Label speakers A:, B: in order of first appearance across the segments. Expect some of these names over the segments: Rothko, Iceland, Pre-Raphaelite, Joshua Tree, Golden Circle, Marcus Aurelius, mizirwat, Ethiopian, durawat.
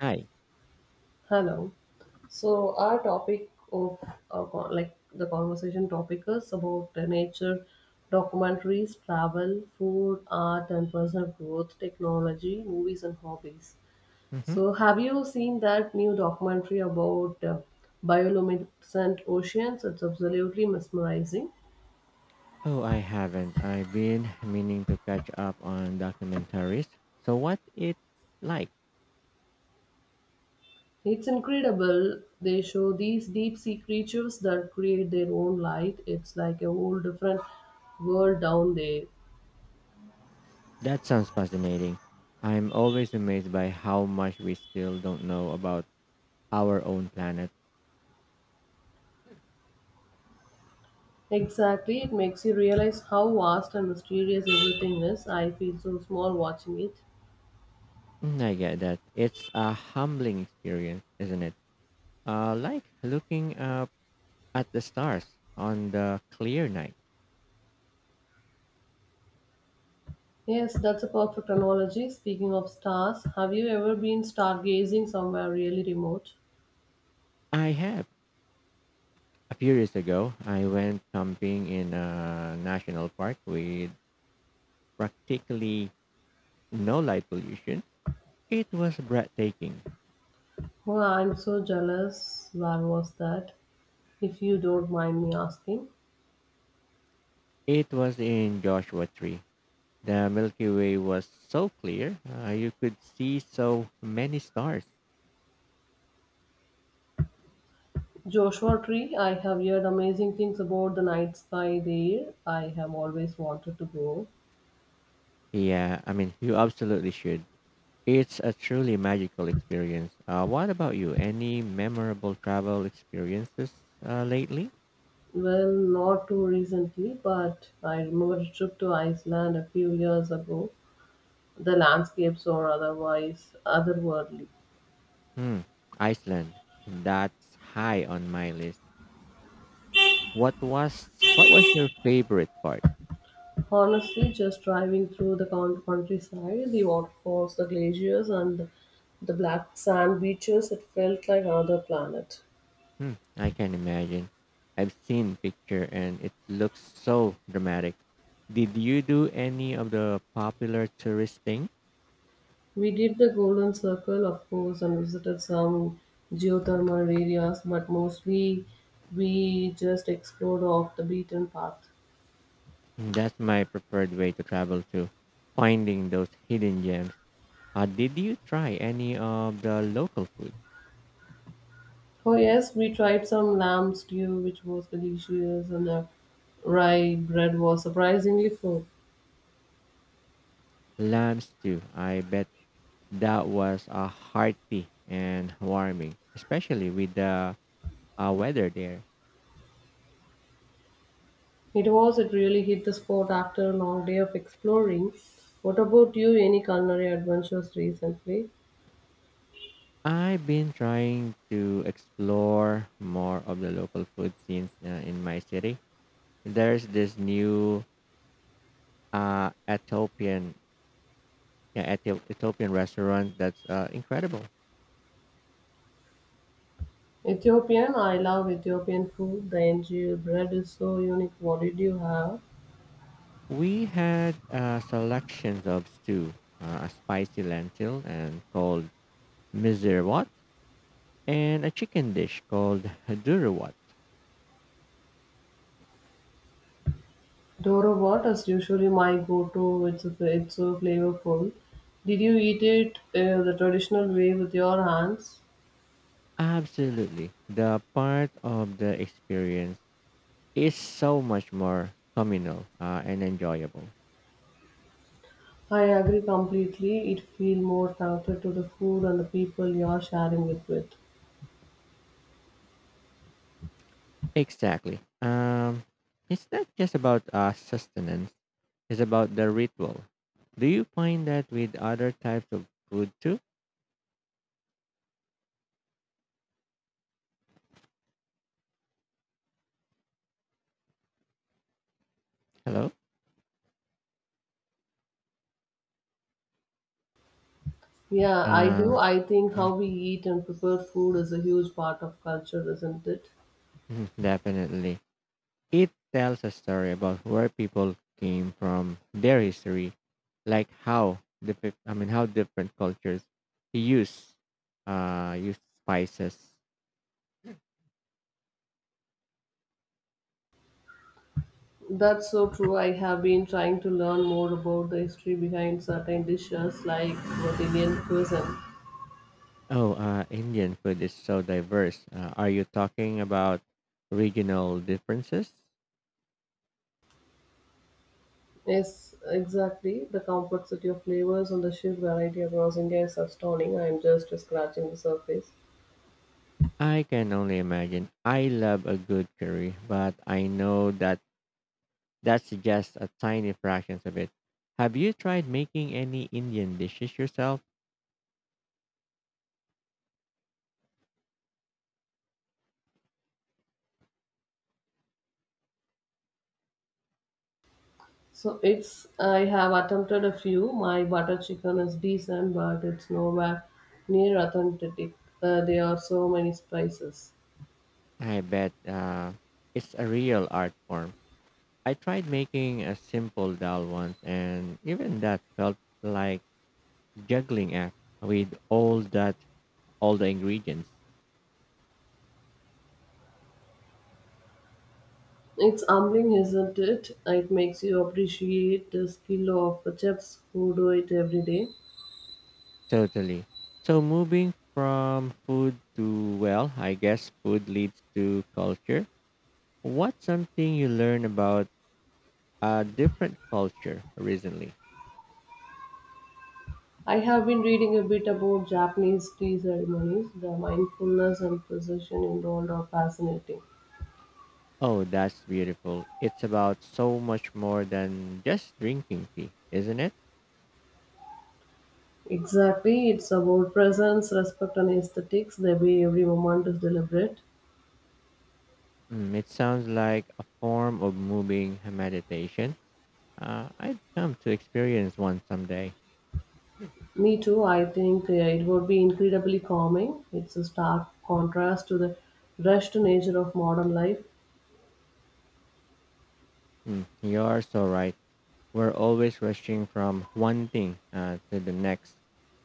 A: Hi.
B: Hello. So our topic of like the conversation topic is about the nature, documentaries, travel, food, art, and personal growth, technology, movies, and hobbies.
A: Hmm.
B: So have you seen that new documentary about bioluminescent oceans? It's absolutely mesmerizing.
A: Oh, I haven't. I've been meaning to catch up on documentaries. So what it's like?
B: It's incredible. They show these deep sea creatures that create their own light. It's like a whole different world down there.
A: That sounds fascinating. I'm always amazed by how much we still don't know about our own planet.
B: Exactly, it makes you realize how vast and mysterious everything is. I feel so small watching it.
A: Mm, I get that. It's a humbling experience, isn't it? Like looking up at the stars on the clear night.
B: Yes, that's a perfect analogy. Speaking of stars, have you ever been stargazing somewhere really remote?
A: I have. A few years ago, I went camping in a national park with practically no light pollution. It was breathtaking.
B: Oh, I'm so jealous. Where was that? If you don't mind me asking.
A: It was in Joshua Tree. The Milky Way was so clear, you could see so many stars.
B: Joshua Tree, I have heard amazing things about the night sky there. I have always wanted to go.
A: Yeah, I mean, you absolutely should. It's a truly magical experience. What about you? Any memorable travel experiences lately?
B: Well, not too recently, but I remember a trip to Iceland a few years ago. The landscapes are otherwise otherworldly.
A: Hmm, Iceland. That's high on my list. What was what was your favorite part?
B: Honestly, just driving through the countryside, the waterfalls, the glaciers, and the black sand beaches, it felt like another planet.
A: Hmm, I can imagine. I've seen picture and it looks so dramatic. Did you do any of the popular tourist thing?
B: We did the Golden Circle, of course, and visited some geothermal areas, but mostly we just explored off the beaten path.
A: That's my preferred way to travel to finding those hidden gems. Did you try any of the local food?
B: Oh, yes, we tried some lamb stew, which was delicious, and the rye bread was surprisingly full.
A: Lamb stew. I bet that was a hearty and warming, especially with the weather there.
B: It was. It really hit the spot after a long day of exploring. What about you? Any culinary adventures recently?
A: I've been trying to explore more of the local food scenes in my city there's this new Ethiopian, yeah, Ethiopian restaurant that's incredible.
B: Ethiopian. I love Ethiopian food. The NGO bread is so unique. What did you have?
A: We had selections of stew, a spicy lentil and called mizirwat, and a chicken dish called durawat.
B: Doro what is usually my go-to. It's so flavorful. Did you eat it the traditional way with your hands?
A: Absolutely, the part of the experience is so much more communal and enjoyable.
B: I agree completely. It feels more connected to the food and the people you are sharing it with.
A: Exactly. It's not just about sustenance. Is about the ritual. Do you find that with other types of food too? Hello?
B: Yeah, I do.
A: Uh,
B: I think how we eat and prepare food is a huge part of culture, isn't it?
A: Mhm. Definitely. It tells a story about where people came from, their history, like how the how different cultures use use spices.
B: That's so true. I have been trying to learn more about the history behind certain dishes like what Indian cuisine.
A: Oh, Indian food is so diverse. Are you talking about regional differences?
B: Yes, exactly. The complexity of flavors and the sheer variety across India is astounding. I'm just scratching the surface.
A: I can only imagine. I love a good curry, but I know that that's just a tiny fraction of it. Have you tried making any Indian dishes yourself?
B: So it's I have attempted a few. My butter chicken is decent, but it's nowhere near authentic. There are so many spices.
A: I bet it's a real art form. I tried making a simple dal once, and even that felt like juggling act with all the ingredients.
B: It's humbling, isn't it? It makes you appreciate the skill of chefs who do it every day.
A: Totally. So moving from food to, well, I guess food leads to culture. What's something you learn about a different culture recently?
B: I have been reading a bit about Japanese tea ceremonies. The mindfulness and precision involved are fascinating.
A: Oh, that's beautiful. It's about so much more than just drinking tea, isn't it?
B: Exactly, it's about presence, respect, and aesthetics. The way every moment is deliberate.
A: Mm, it sounds like a form of moving meditation. I'd come to experience one someday.
B: Me too, I think it would be incredibly calming. It's a stark contrast to the rushed nature of modern life.
A: Mm, you're so right. We're always rushing from one thing to the next.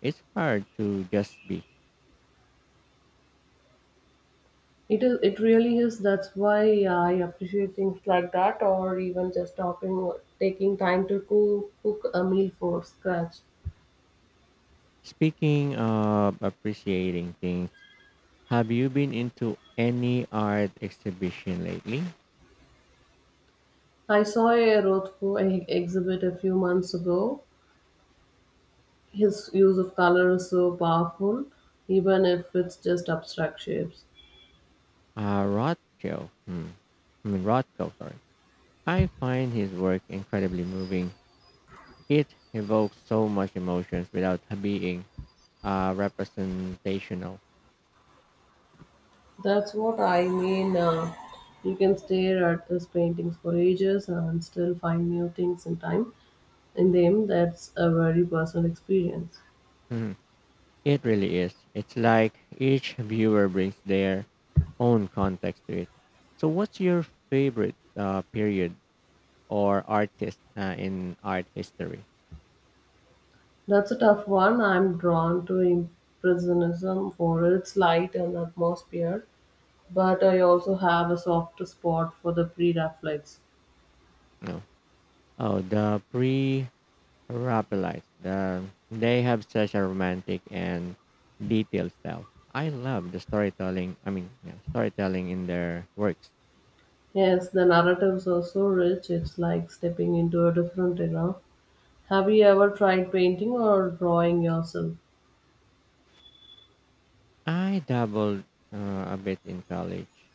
A: It's hard to just be.
B: It is. It really is. That's why I appreciate things like that, or even just stopping, taking time to cook a meal for scratch.
A: Speaking of appreciating things, have you been into any art exhibition lately?
B: I saw a exhibit a few months ago. His use of color is so powerful, even if it's just abstract shapes.
A: Uh, Rothko, hmm, Rothko, sorry. I find his work incredibly moving. It evokes so much emotions without being representational.
B: That's what I mean. You can stare at his paintings for ages and still find new things in time. In them, that's a very personal experience.
A: Mhm. It really is. It's like each viewer brings their own context to it. So, what's your favorite period or artist in art history?
B: That's a tough one. I'm drawn to Impressionism for its light and atmosphere, but I also have a soft spot for the pre Raphaelites.
A: No. Oh, the pre Rapalise. They have such a romantic and detailed style. I love the, yeah, storytelling in their works.
B: Yes, the narratives are so rich, it's like stepping into a different era. Have you ever tried painting or drawing yourself?
A: I dabbled a bit in college,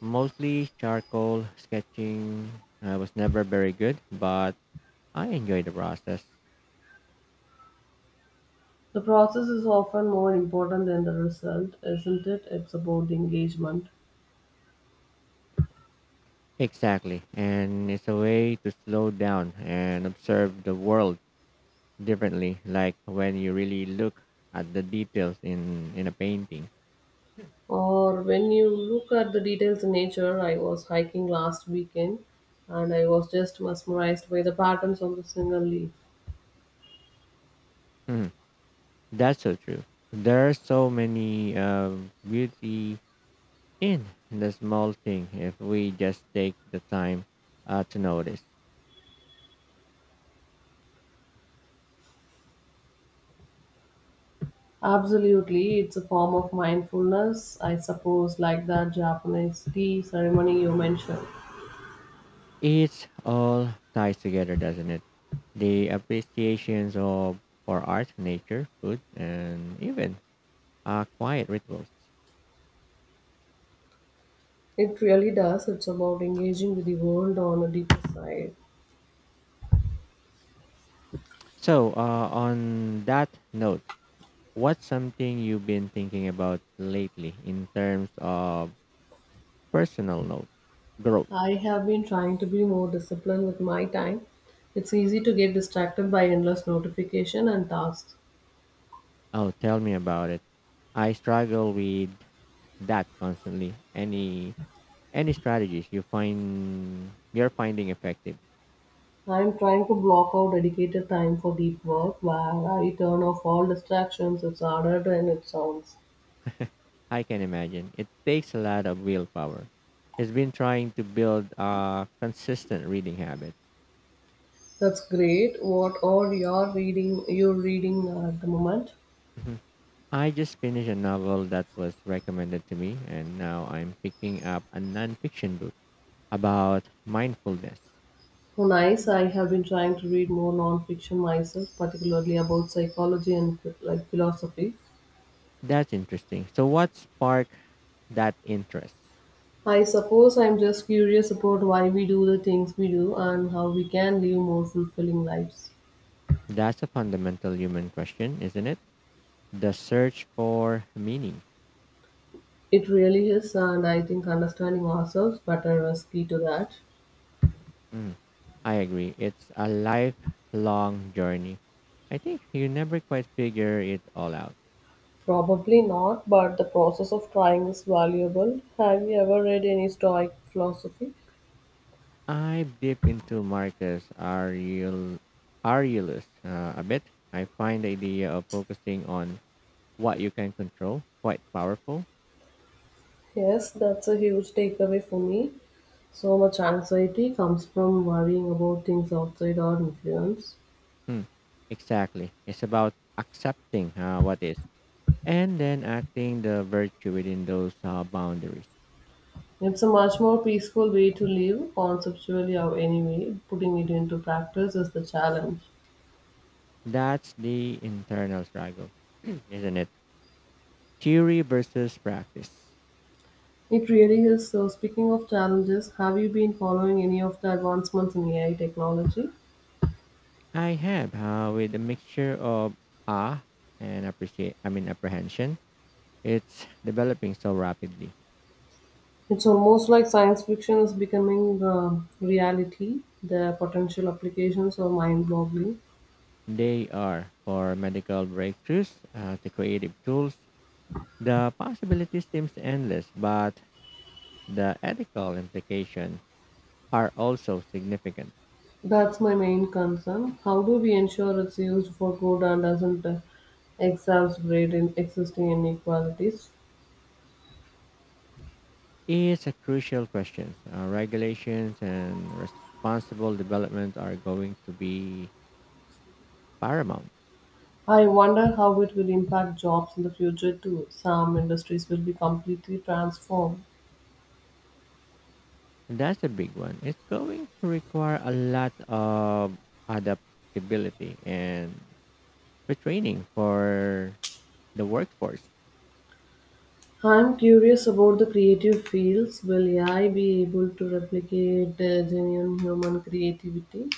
A: mostly charcoal sketching. I was never very good, but I enjoyed the process.
B: The process is often more important than the result, isn't it? It's about engagement.
A: Exactly, and it's a way to slow down and observe the world differently, like when you really look at the details in a painting.
B: Or when you look at the details in nature, I was hiking last weekend and I was just mesmerized by the patterns on the single leaf.
A: Hmm. That's so true. There are so many beauty in the small thing if we just take the time to notice.
B: Absolutely, it's a form of mindfulness, I suppose, like that Japanese tea ceremony you mentioned.
A: It's all ties together, doesn't it? The appreciations of for art, nature, food, and even quiet rituals.
B: It really does. It's about engaging with the world on a deeper side.
A: So, on that note, what's something you've been thinking about lately in terms of personal note growth?
B: I have been trying to be more disciplined with my time. It's easy to get distracted by endless notification and tasks.
A: Oh, tell me about it. I struggle with that constantly. Any strategies you're finding effective?
B: I'm trying to block out dedicated time for deep work where I turn off all distractions. It's harder than it sounds.
A: I can imagine. It takes a lot of willpower. It's been trying to build a consistent reading habit.
B: That's great. What are your reading you're reading at the moment?
A: Mhm. I just finished a novel that was recommended to me, and now I'm picking up a nonfiction book about mindfulness.
B: Oh, nice. I have been trying to read more non-fiction myself, particularly about psychology and like philosophy.
A: That's interesting. So, what sparked that interest?
B: I suppose I'm just curious about why we do the things we do and how we can live more fulfilling lives.
A: That's a fundamental human question, isn't it? The search for meaning.
B: It really is, and I think understanding ourselves better is key to that.
A: Mm, I agree. It's a lifelong journey. I think you never quite figure it all out.
B: Probably not, but the process of trying is valuable. Have you ever read any Stoic philosophy?
A: I dip into Aurelius a bit. I find the idea of focusing on what you can control quite powerful.
B: Yes, that's a huge takeaway for me. So much anxiety comes from worrying about things outside our influence.
A: Hmm, exactly. It's about accepting what is and then acting the virtue within those boundaries.
B: It's a much more peaceful way to live, conceptually or anyway. Putting it into practice is the challenge.
A: That's the internal struggle, isn't it? Theory versus practice.
B: It really is. So, speaking of challenges, have you been following any of the advancements in AI technology?
A: I have, with a mixture of awe and appreciate, I mean apprehension. It's developing so rapidly.
B: It's almost like science fiction is becoming reality. The potential applications are mind boggling.
A: They are for medical breakthroughs, the creative tools. The possibility seems endless, but the ethical implications are also significant.
B: That's my main concern. How do we ensure it's used for good and doesn't exacerbate in existing inequalities?
A: It's a crucial question. Regulations and responsible development are going to be paramount.
B: I wonder how it will impact jobs in the future too. Some industries will be completely transformed.
A: That's a big one. It's going to require a lot of adaptability and retraining for the workforce.
B: I'm curious about the creative fields. Will AI be able to replicate genuine human creativity?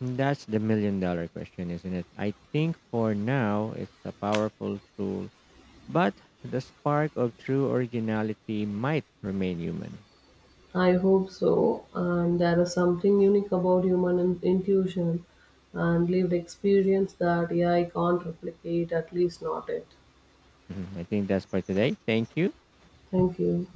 A: That's the million dollar question, isn't it? I think for now it's a powerful tool, but the spark of true originality might remain human.
B: I hope so. And there is something unique about intuition and lived experience that AI can't replicate, at least not it.
A: Mhm. I think that's for today. Thank you.
B: Thank you.